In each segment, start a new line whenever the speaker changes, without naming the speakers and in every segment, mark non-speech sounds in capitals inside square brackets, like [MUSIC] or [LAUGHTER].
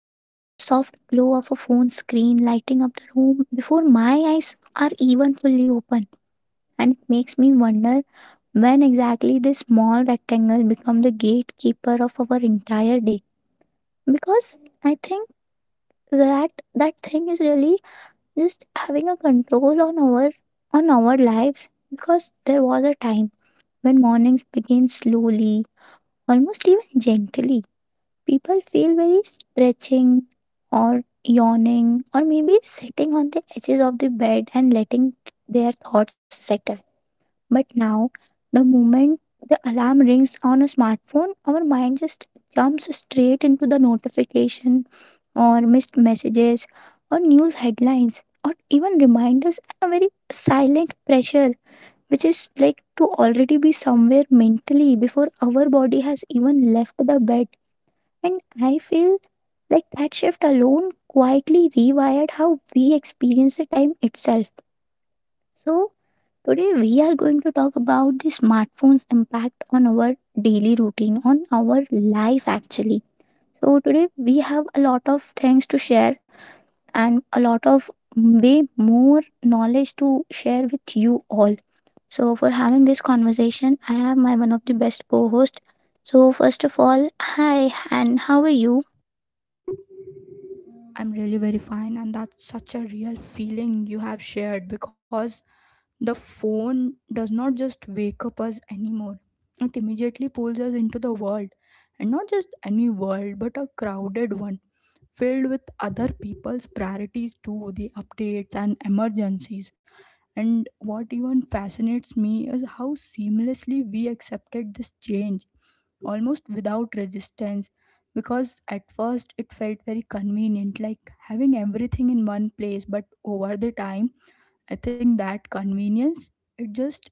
It's the soft glow of a phone screen lighting up the room before my eyes are even fully open. And it makes me wonder when exactly this small rectangle become the gatekeeper of our entire day. Because I think that that thing is really just having a control on our lives because there was a time when mornings begin slowly, almost even gently. People feel very stretching or yawning, or maybe sitting on the edges of the bed and letting their thoughts settle. But now, the moment the alarm rings on a smartphone, our mind just jumps straight into the notification or missed messages or news headlines or even reminders, and a very silent pressure, which is like to already be somewhere mentally before our body has even left the bed. And I feel like that shift alone quietly rewired how we experience the time itself. So today we are going to talk about the smartphone's impact on our daily routine, on our life actually. So today we have a lot of things to share, and a lot of way more knowledge to share with you all. So for having this conversation, I have my one of the best co-host. So first of all, hi, and how are you?
I'm really very fine, and that's such a real feeling you have shared because the phone does not just wake up us anymore. It immediately pulls us into the world, and not just any world, but a crowded one filled with other people's priorities too, the updates and emergencies. And what even fascinates me is how seamlessly we accepted this change almost without resistance because at first it felt very convenient like having everything in one place. But over the time I think that convenience, it just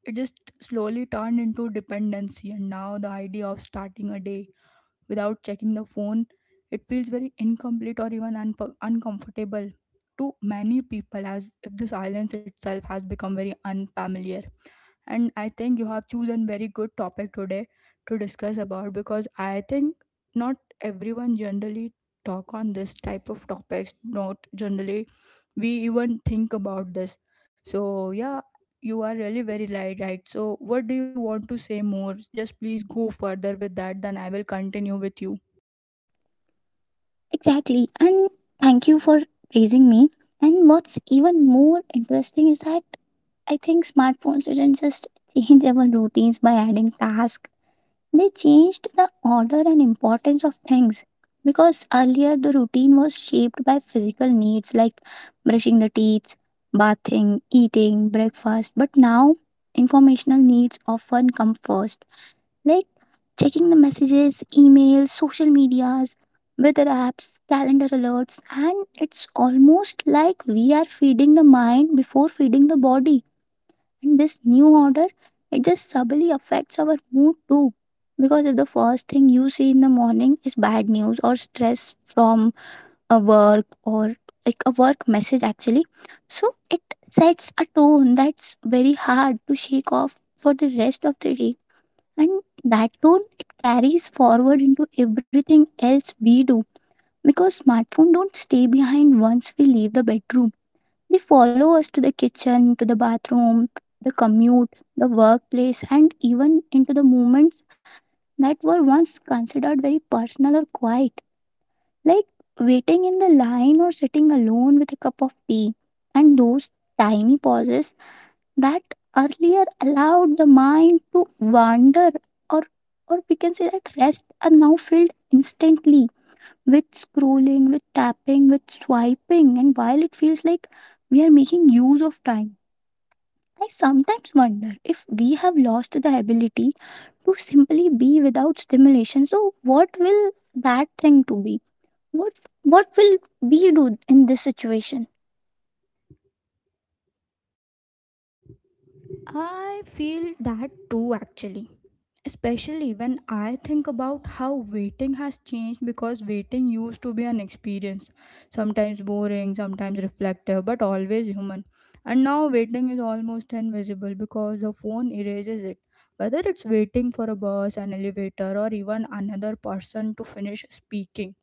it just slowly turned into dependency. And now the idea of starting a day without checking the phone, it feels very incomplete or even uncomfortable to many people, as if the silence itself has become very unfamiliar. And I think you have chosen very good topic today to discuss about, because I think not everyone generally talk on this type of topics, not generally we even think about this. So yeah, you are really very right. Right, so what do you want to say more? Just please go further with that, then I will continue with you.
Exactly, and thank you for praising me. And what's even more interesting is that I think smartphones didn't just [LAUGHS] change our routines by adding tasks. They changed the order and importance of things, because earlier the routine was shaped by physical needs, like brushing the teeth, bathing, eating, breakfast, but now informational needs often come first, like checking the messages, emails, social medias, weather apps, calendar alerts. And it's almost like we are feeding the mind before feeding the body. And this new order, it just subtly affects our mood too. Because if the first thing you see in the morning is bad news or stress from a work, or like a work message, actually, so it sets a tone that's very hard to shake off for the rest of the day. And that tone, it carries forward into everything else we do, because smartphone don't stay behind once we leave the bedroom. They follow us to the kitchen, to the bathroom, the commute, the workplace, and even into the moments that were once considered very personal or quiet, like waiting in the line or sitting alone with a cup of tea. And those tiny pauses that earlier allowed the mind to wander, or or we can say that rest, are now filled instantly with scrolling, with tapping, with swiping. And while it feels like we are making use of time, I sometimes wonder if we have lost the ability to simply be without stimulation. So, what will that thing to be? What what will we do in this situation?
I feel that too, actually. Especially when I think about how waiting has changed, because waiting used to be an experience. Sometimes boring, sometimes reflective, but always human. And now waiting is almost invisible because the phone erases it, whether it's waiting for a bus, an elevator, or even another person to finish speaking.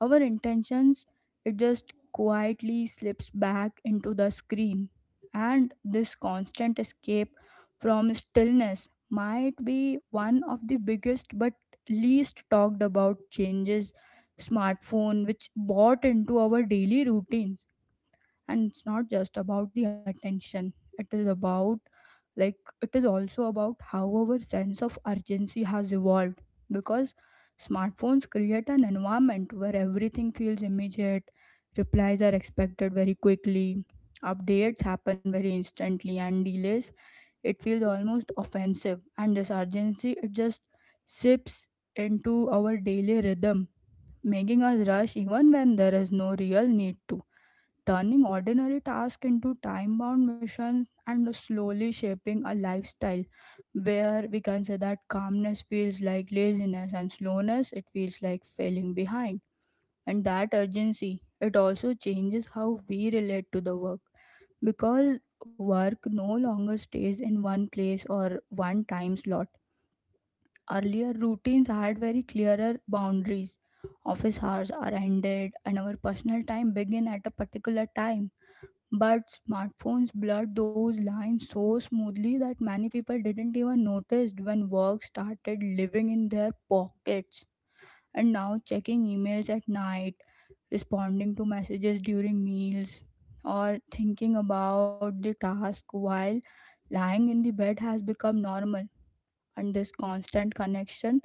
Our intentions, it just quietly slips back into the screen. And this constant escape from stillness might be one of the biggest but least talked about changes smartphone which bought into our daily routines. And it's not just about the attention, it is about, like it is also about how our sense of urgency has evolved, because smartphones create an environment where everything feels immediate. Replies are expected very quickly, updates happen very instantly, and delays, it feels almost offensive. And this urgency, it just sips into our daily rhythm, making us rush even when there is no real need to, turning ordinary tasks into time bound missions and slowly shaping a lifestyle where we can say that calmness feels like laziness and slowness, it feels like failing behind. And that urgency, it also changes how we relate to the work, because work no longer stays in one place or one time slot. Earlier routines had very clearer boundaries, office hours are ended and our personal time begin at a particular time, but smartphones blurred those lines so smoothly that many people didn't even notice when work started living in their pockets. And now checking emails at night, responding to messages during meals, or thinking about the task while lying in the bed has become normal. And this constant connection,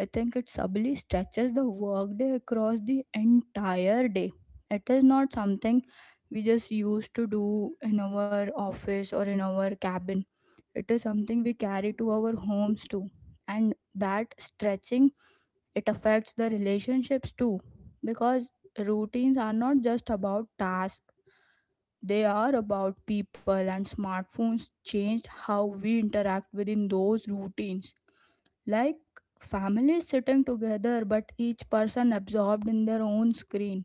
I think it subtly stretches the workday across the entire day. It is not something we just used to do in our office or in our cabin. It is something we carry to our homes too. And that stretching, it affects the relationships too. Because routines are not just about tasks, they are about people, and smartphones changed how we interact within those routines, like families sitting together but each person absorbed in their own screen,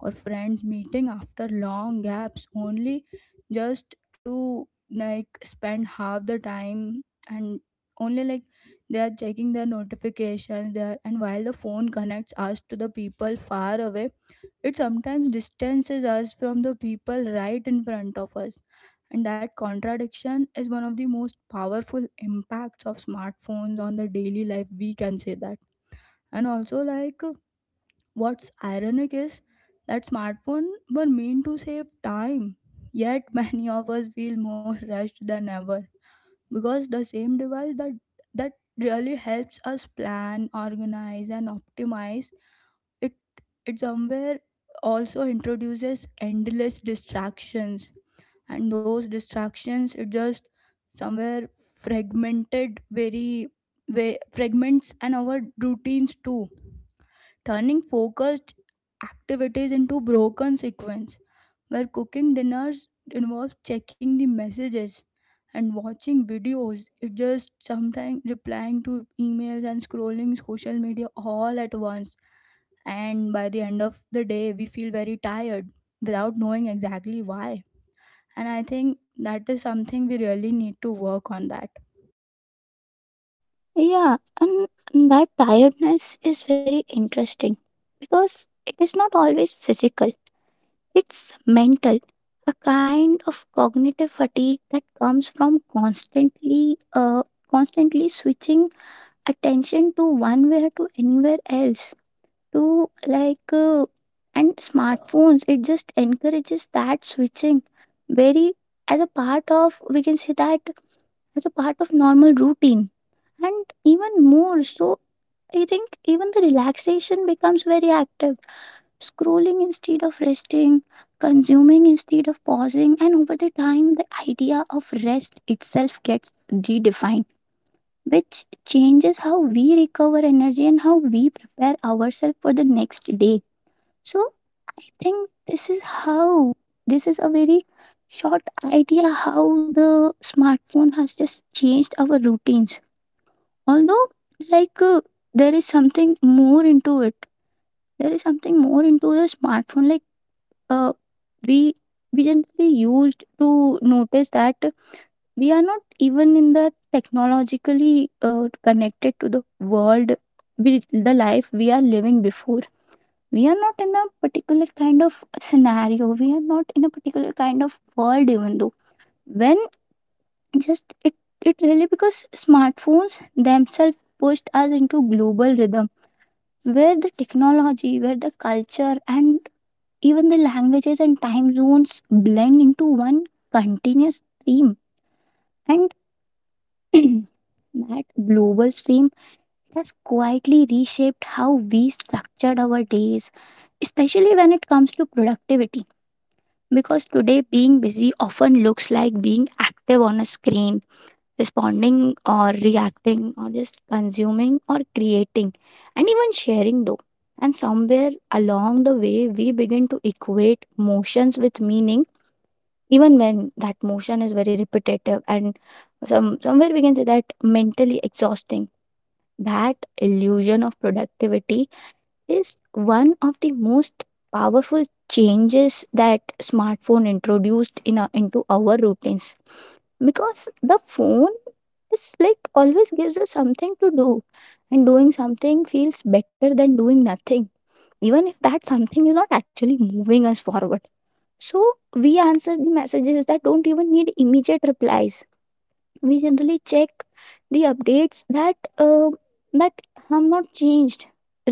or friends meeting after long gaps only just to spend half the time and only they are checking their notifications there. And while the phone connects us to the people far away, it sometimes distances us from the people right in front of us. And that contradiction is one of the most powerful impacts of smartphones on the daily life, we can say that. And also, like, what's ironic is that smartphones were meant to save time, yet [LAUGHS] many of us feel more rushed than ever, because the same device that really helps us plan, organize, and optimize, it it somewhere also introduces endless distractions. And those distractions, it just somewhere fragmented very way fragments and our routines too, turning focused activities into broken sequence where cooking dinners involves checking the messages and watching videos, it just sometimes replying to emails and scrolling social media all at once. And by the end of the day we feel very tired without knowing exactly why, and I think that is something we really need to work on that.
Yeah, and that tiredness is very interesting, because it is not always physical, it's mental, a kind of cognitive fatigue that comes from constantly switching attention to one where to anywhere else. To like and smartphones, it just encourages that switching, very, as a part of we can say that as a part of normal routine. And even more so, I think even the relaxation becomes very active, scrolling instead of resting, consuming instead of pausing. And over the time, the idea of rest itself gets redefined, which changes how we recover energy and how we prepare ourselves for the next day. So, I think this is how, this is a very short idea how the smartphone has just changed our routines. Although, like, uh, there is something more into it. There is something more into the smartphone. Uh, we we generally used to notice that we are not even in the technologically connected to the world. We, the life we are living before, we are not in a particular kind of scenario, we are not in a particular kind of world, even though, when, just it really, because smartphones themselves pushed us into global rhythm, where the technology, where the culture, and even the languages and time zones blend into one continuous stream. And [CLEARS THROAT] that global stream has quietly reshaped how we structured our days, especially when it comes to productivity. Because today, being busy often looks like being active on a screen, responding or reacting, or just consuming or creating, and even sharing, though. And somewhere along the way, we begin to equate motions with meaning, even when that motion is very repetitive and, somewhere we can say that, mentally exhausting. That illusion of productivity is one of the most powerful changes that smartphone introduced in our, into our routines, because the phone is like always gives us something to do, and doing something feels better than doing nothing, even if that something is not actually moving us forward. So we answer the messages that don't even need immediate replies, we generally check the updates that have not changed,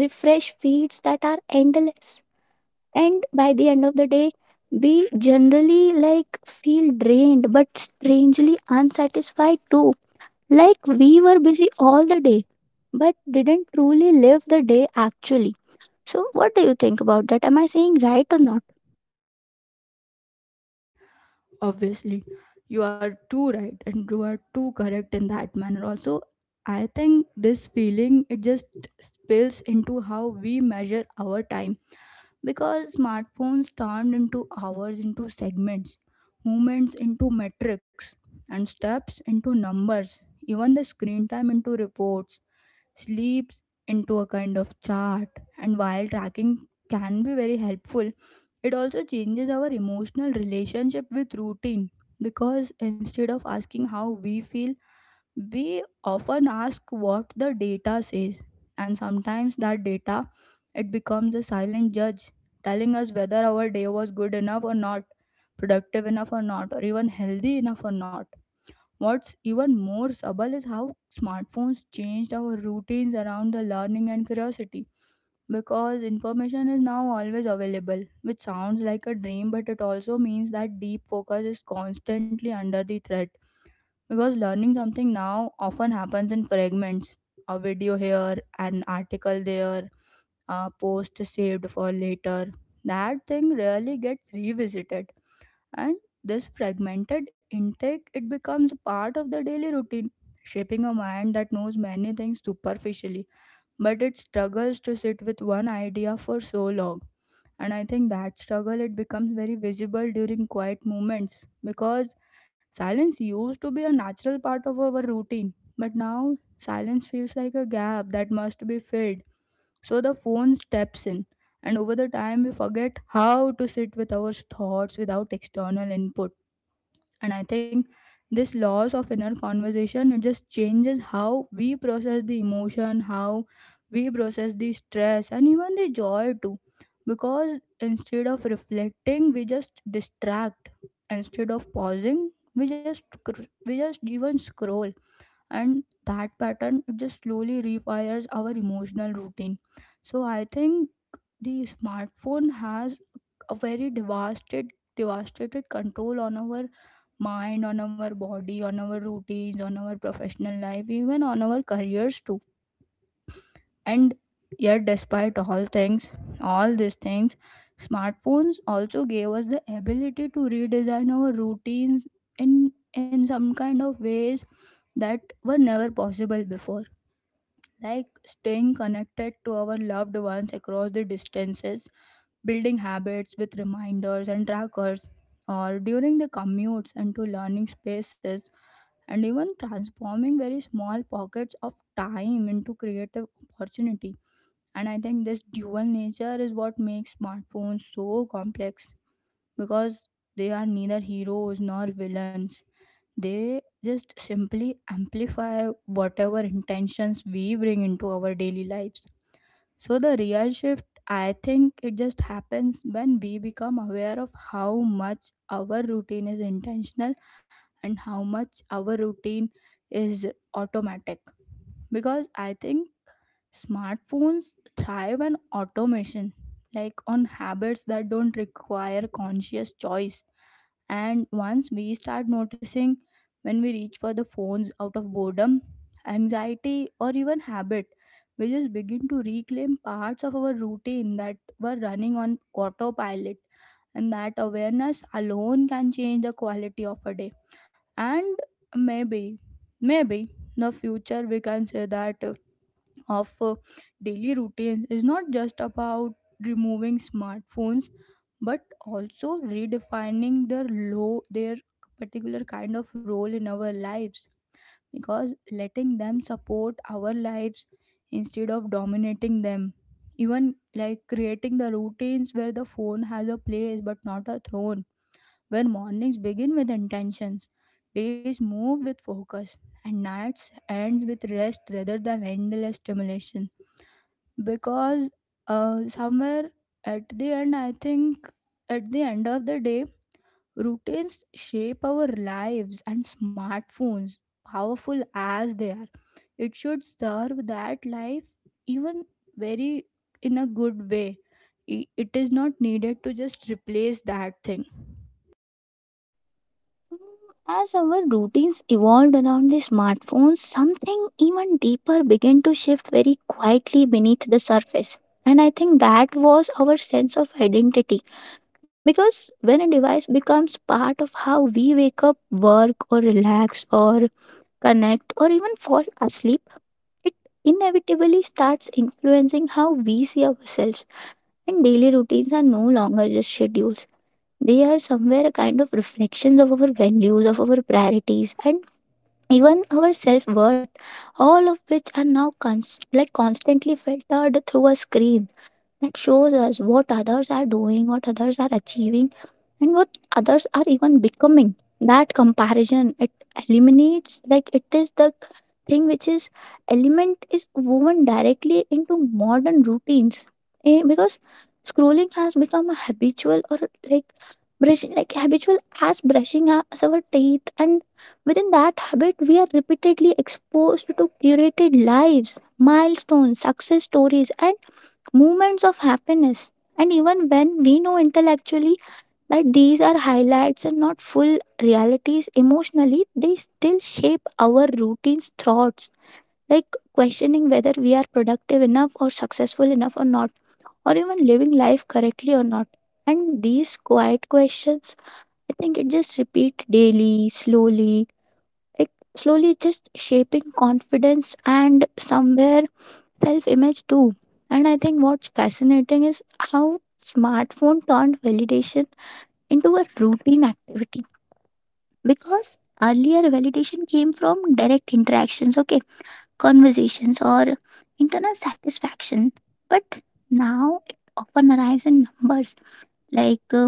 refresh feeds that are endless. And by the end of the day, we generally like feel drained but strangely unsatisfied too, like we were busy all the day but didn't truly live the day actually. So what do you think about that, am I saying right or not?
Obviously, you are too right and you are too correct in that manner also. I think this feeling, it just spills into how we measure our time, because smartphones turned into hours into segments, movements into metrics, and steps into numbers, even the screen time into reports, sleeps into a kind of chart. And while tracking can be very helpful, it also changes our emotional relationship with routine, because instead of asking how we feel, we often ask what the data says. And sometimes that data, it becomes a silent judge, telling us whether our day was good enough or not, productive enough or not, or even healthy enough or not. What's even more subtle is how smartphones changed our routines around the learning and curiosity, because information is now always available, which sounds like a dream, but it also means that deep focus is constantly under the threat, because learning something now often happens in fragments, a video here, an article there, a post saved for later that thing rarely gets revisited. And this fragmented intake, it becomes part of the daily routine, shaping a mind that knows many things superficially but it struggles to sit with one idea for so long. And I think that struggle, it becomes very visible during quiet moments, because silence used to be a natural part of our routine, but now silence feels like a gap that must be filled. So the phone steps in, and over the time we forget how to sit with our thoughts without external input. And I think this loss of inner conversation, it just changes how we process the emotion, how we process the stress, and even the joy too. Because instead of reflecting we just distract, instead of pausing we just we just even scroll. And that pattern, it just slowly refires our emotional routine. So I think the smartphone has a very devastated devastated control on our mind, on our body, on our routines, on our professional life, even on our careers too. And yet despite all things, all these things, smartphones also gave us the ability to redesign our routines in some kind of ways that were never possible before, like staying connected to our loved ones across the distances, building habits with reminders and trackers, or during the commutes into learning spaces, and even transforming very small pockets of time into creative opportunity. And I think this dual nature is what makes smartphones so complex, because they are neither heroes nor villains. They just simply amplify whatever intentions we bring into our daily lives. So the real shift, I think it just happens when we become aware of how much our routine is intentional and how much our routine is automatic. Because I think smartphones thrive on automation, like on habits that don't require conscious choice. And once we start noticing when we reach for the phones out of boredom, anxiety, or even habit, we just begin to reclaim parts of our routine that were running on autopilot. And that awareness alone can change the quality of a day. And maybe maybe the future, we can say that, of daily routines is not just about removing smartphones but also redefining their particular kind of role in our lives, because letting them support our lives instead of dominating them, even like creating the routines where the phone has a place but not a throne, where mornings begin with intentions, days move with focus, and nights ends with rest rather than endless stimulation. Because somewhere at the end, I think, at the end of the day, routines shape our lives, and smartphones, powerful as they are, it should serve that life, even very in a good way. I- it is not needed to just replace that thing.
As our routines evolved around the smartphones, something even deeper began to shift very quietly beneath the surface. And I think that was our sense of identity. Because when a device becomes part of how we wake up, work, or relax, or connect, or even fall asleep, it inevitably starts influencing how we see ourselves. And daily routines are no longer just schedules, they are somewhere a kind of reflections of our values, of our priorities, and even our self worth, all of which are now like constantly filtered through a screen that shows us what others are doing, what others are achieving, and what others are even becoming. That comparison, it eliminates, like, it is the thing which is element is woven directly into modern routines. Because scrolling has become a habitual, or like brushing, like habitual as brushing as our teeth. And within that habit, we are repeatedly exposed to curated lives, milestones, success stories, and moments of happiness. And even when we know intellectually that these are highlights and not full realities, emotionally they still shape our routines thoughts, like questioning whether we are productive enough or successful enough or not, or even living life correctly or not. And these quiet questions, I think, it just repeat daily, like slowly just shaping confidence and somewhere self image too. And I think what's fascinating is how smartphone turned validation into a routine activity, because earlier validation came from direct interactions, okay, conversations or internal satisfaction. But now it often arrives in numbers, like,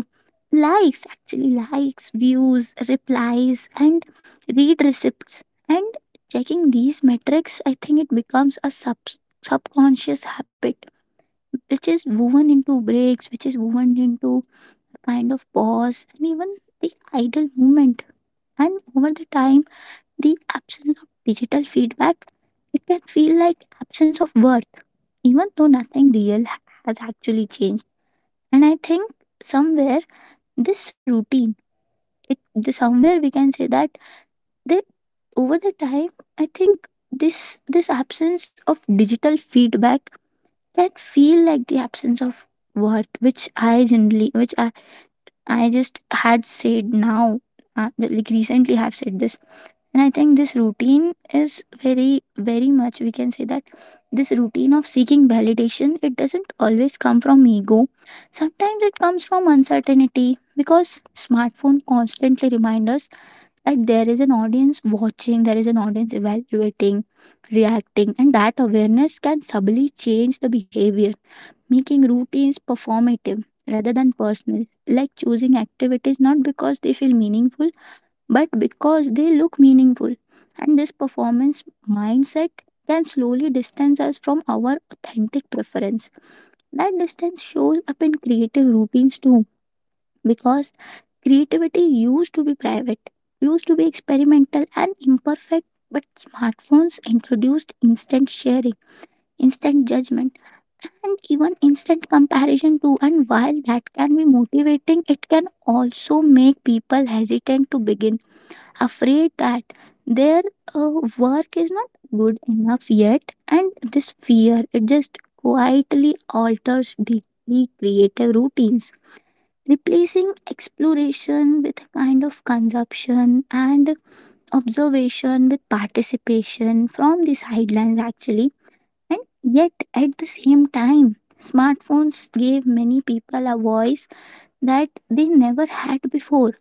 likes, actually, likes, views, replies, and read receipts. And checking these metrics, I think, it becomes a subconscious habit, which is woven into breaks, which is woven into a kind of pause, and even the idle movement. And over the time, the absence of digital feedback, it can feel like absence of worth, even though nothing real has actually changed. And I think somewhere this routine, it the somewhere we can say that they over the time, I think this absence of digital feedback can feel like the absence of worth, which I generally, which I just had said now, like recently have said this. And I think this routine is very very much, we can say that, this routine of seeking validation, it doesn't always come from ego, sometimes it comes from uncertainty. Because smartphone constantly remind us that there is an audience watching, there is an audience evaluating, reacting, and that awareness can subtly change the behavior, making routines performative rather than personal, like choosing activities not because they feel meaningful but because they look meaningful. And this performance mindset can slowly distance us from our authentic preference. That distance shows up in creative routines too, because creativity used to be private, used to be experimental and imperfect, but smartphones introduced instant sharing, instant judgment, and even instant comparison too. And while that can be motivating, it can also make people hesitant to begin, afraid that their uh, work is not good enough yet. And this fear, it just quietly alters deeply creative routines, replacing exploration with a kind of consumption, and observation with participation from the sidelines actually. And yet, at the same time, smartphones gave many people a voice that they never had before,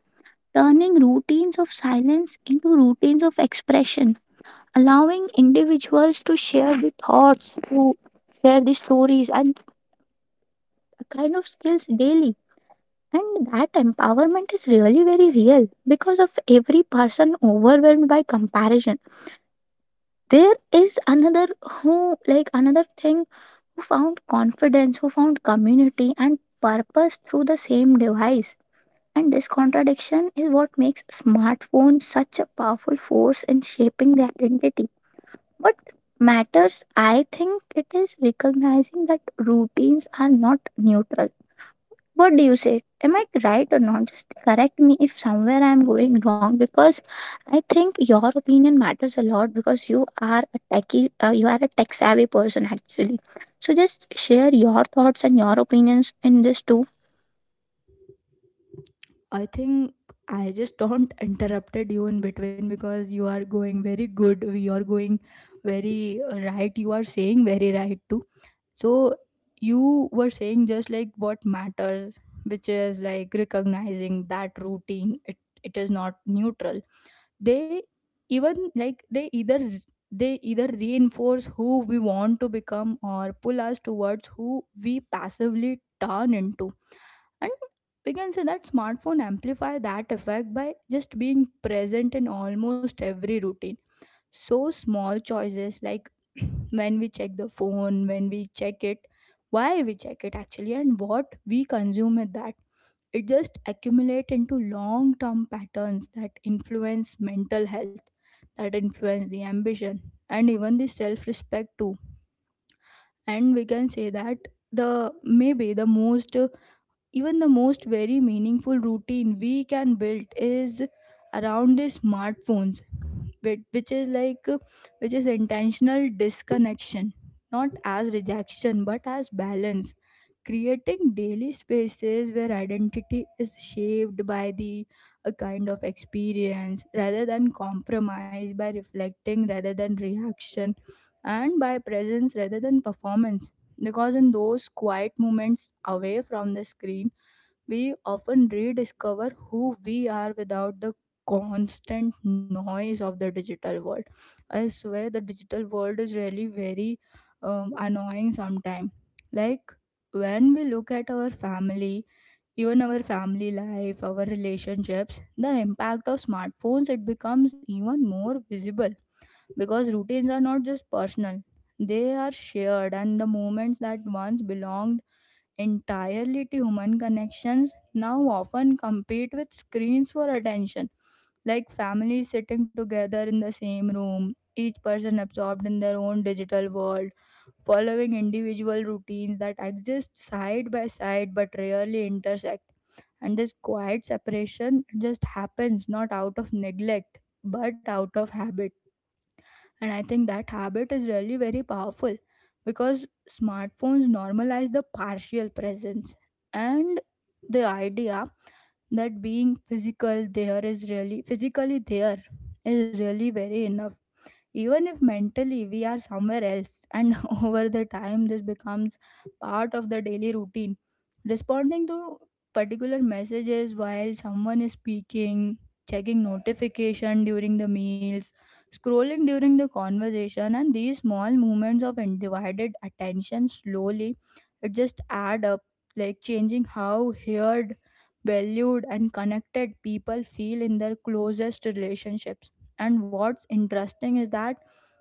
turning routines of silence into routines of expression, allowing individuals to share the thoughts, to share the stories, and kind of skills daily. And that empowerment is really very real because of every person overwhelmed by comparison, there is another who, like another thing, who found confidence, who found community and purpose through the same device. And this contradiction is what makes smartphones such a powerful force in shaping the identity. What matters, I think, it is recognizing that routines are not neutral. What do you say? Am I right or not? Just correct me if somewhere I am going wrong, because I think your opinion matters a lot because you are a techie, you are a tech savvy person actually. So just share your thoughts and your opinions in this too.
I think I just don't [LAUGHS] interrupted you in between, because you are going very good. You are going very right. You are saying very right too. So you were saying just like what matters, which is like recognizing that routine, it is not neutral. They, even, they either, they either reinforce who we want to become or pull us towards who we passively turn into. And we can say that smartphone amplify that effect by just being present in almost every routine. So small choices like, [CLEARS THROAT] when we check the phone, when we check it, why we check it actually, and what we consume with that, it just accumulate into long term patterns that influence mental health, that influence the ambition, and even the self respect too. And we can say that the maybe the most, even the most very meaningful routine we can build is around the smartphones, which is like, which is intentional disconnection, not as rejection but as balance. Creating daily spaces where identity is shaped by the a kind of experience rather than compromise, by reflecting rather than reaction, and by presence rather than performance, because in those quiet moments away from the screen, we often rediscover who we are without the constant noise of the digital world. I swear the digital world is really very annoying sometimes. Like when we look at our family, even our family life, our relationships, the impact of smartphones, it becomes even more visible, because routines are not just personal, they are shared. And the moments that once belonged entirely to human connections now often compete with screens for attention, like families sitting together in the same room, each person absorbed in their own digital world, following individual routines that exist side by side but rarely intersect. And this quiet separation just happens not out of neglect but out of habit. And I think that habit is really very powerful, because smartphones normalize the partial presence and the idea that being physically there is really very enough, even if mentally we are somewhere else. And [LAUGHS] over the time this becomes part of the daily routine, responding to particular messages while someone is speaking, checking notification during the meals, scrolling during the conversation. And these small moments of undivided attention slowly, it just add up, like changing how heard, valued, and connected people feel in their closest relationships. And what's interesting is that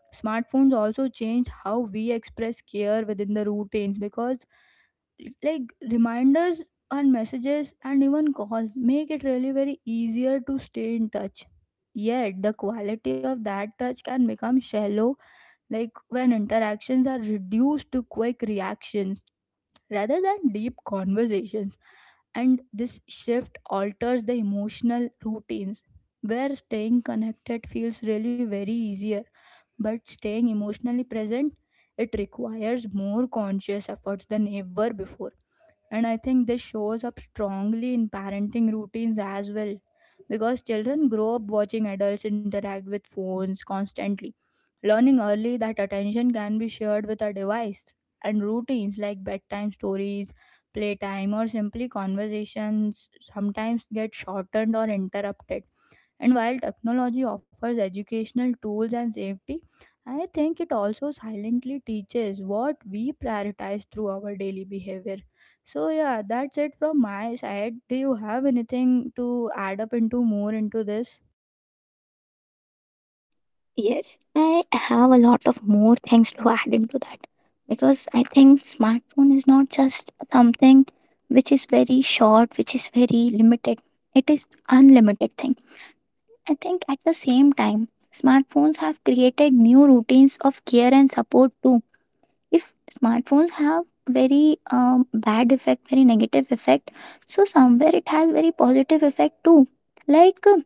smartphones also change how we express care within the routines, because like reminders and messages and even calls make it really very easier to stay in touch, yet the quality of that touch can become shallow, like when interactions are reduced to quick reactions rather than deep conversations. And this shift alters the emotional routines where staying connected feels really very easier, but staying emotionally present, it requires more conscious efforts than ever before. And I think this shows up strongly in parenting routines as well, because children grow up watching adults interact with phones constantly, learning early that attention can be shared with a device. And routines like bedtime stories, playtime, or simply conversations sometimes get shortened or interrupted. And while technology offers educational tools and safety, I think it also silently teaches what we prioritize through our daily behavior. So yeah, that's it from my side. Do you have anything to add up into more into this?
Yes, I have a lot of more things to add into that, because I think smartphone is not just something which is very short, which is very limited. It is unlimited thing. I think at the same time, smartphones have created new routines of care and support too. If smartphones have very bad effect, very negative effect, so somewhere it has very positive effect too. Like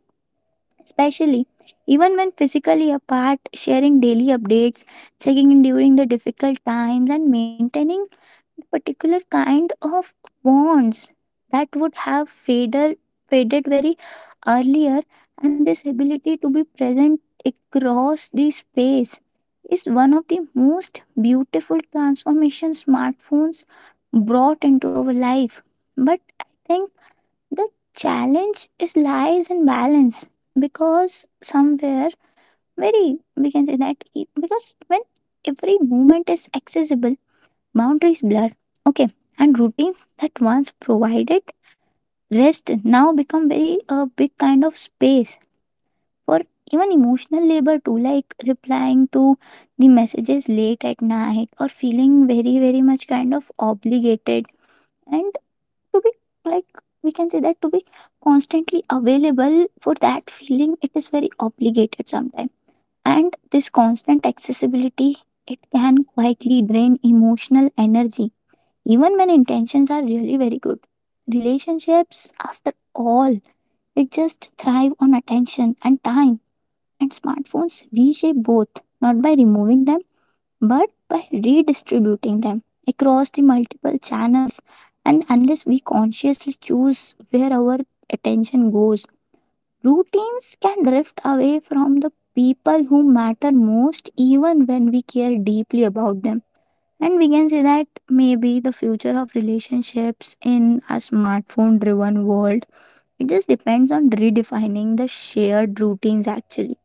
especially, even when physically apart, sharing daily updates, checking in during the difficult times, and maintaining a particular kind of bonds that would have faded, faded very earlier, and this ability to be present across the space is one of the most beautiful transformations smartphones brought into our life. But I think the challenge is lies in balance, because somewhere very we can say that because when every movement is accessible, boundaries blur. Okay, and routines that once provided rest now become very a big kind of space for even emotional labor too, like replying to the messages late at night or feeling very very much kind of obligated, and to be, like, we can say that to be constantly available for that feeling, it is very obligated sometimes. And this constant accessibility, it can quietly drain emotional energy even when intentions are really very good. Relationships, after all, it just thrive on attention and time, and smartphones reshape both not by removing them but by redistributing them across the multiple channels. And unless we consciously choose where our attention goes, routines can drift away from the people who matter most, even when we care deeply about them. And we can say that maybe the future of relationships in a smartphone driven world, it just depends on redefining the shared routines actually,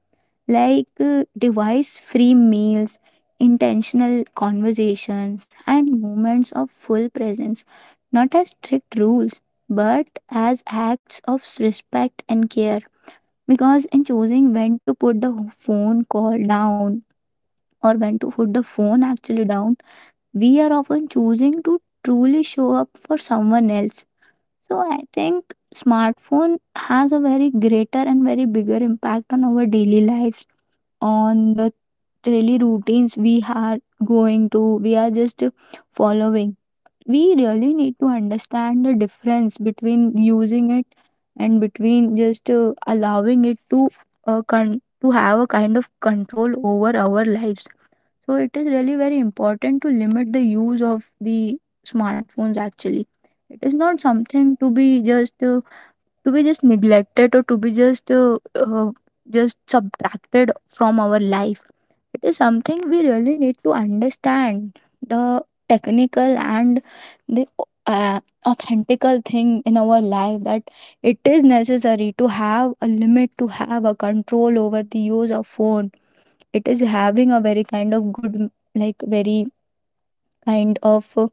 like device free meals, intentional conversations, and moments of full presence, not as strict rules, but as acts of respect and care. Because in choosing when to put the phone call down, or when to put the phone actually down, we are often choosing to truly show up for someone else. So I think smartphone has a very greater and very bigger impact on our daily lives, on the daily routines we are just following. We really need to understand the difference between using it and between just allowing it to to have a kind of control over our lives. So it is really very important to limit the use of the smartphones actually. It is not something to be just neglected or to be just subtracted from our life. It is something we really need to understand, the technical and the uh, authentical thing in our life, that it is necessary to have a limit, to have a control over the use of phone. It is having a very kind of good, like very kind of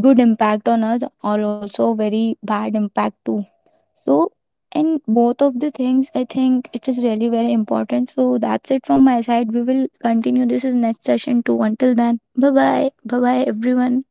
good impact on us, or also very bad impact too. So, in both of the things, I think it is really very important. So, that's it from my side. We will continue this in next session too. Until then, bye bye. Bye bye, everyone.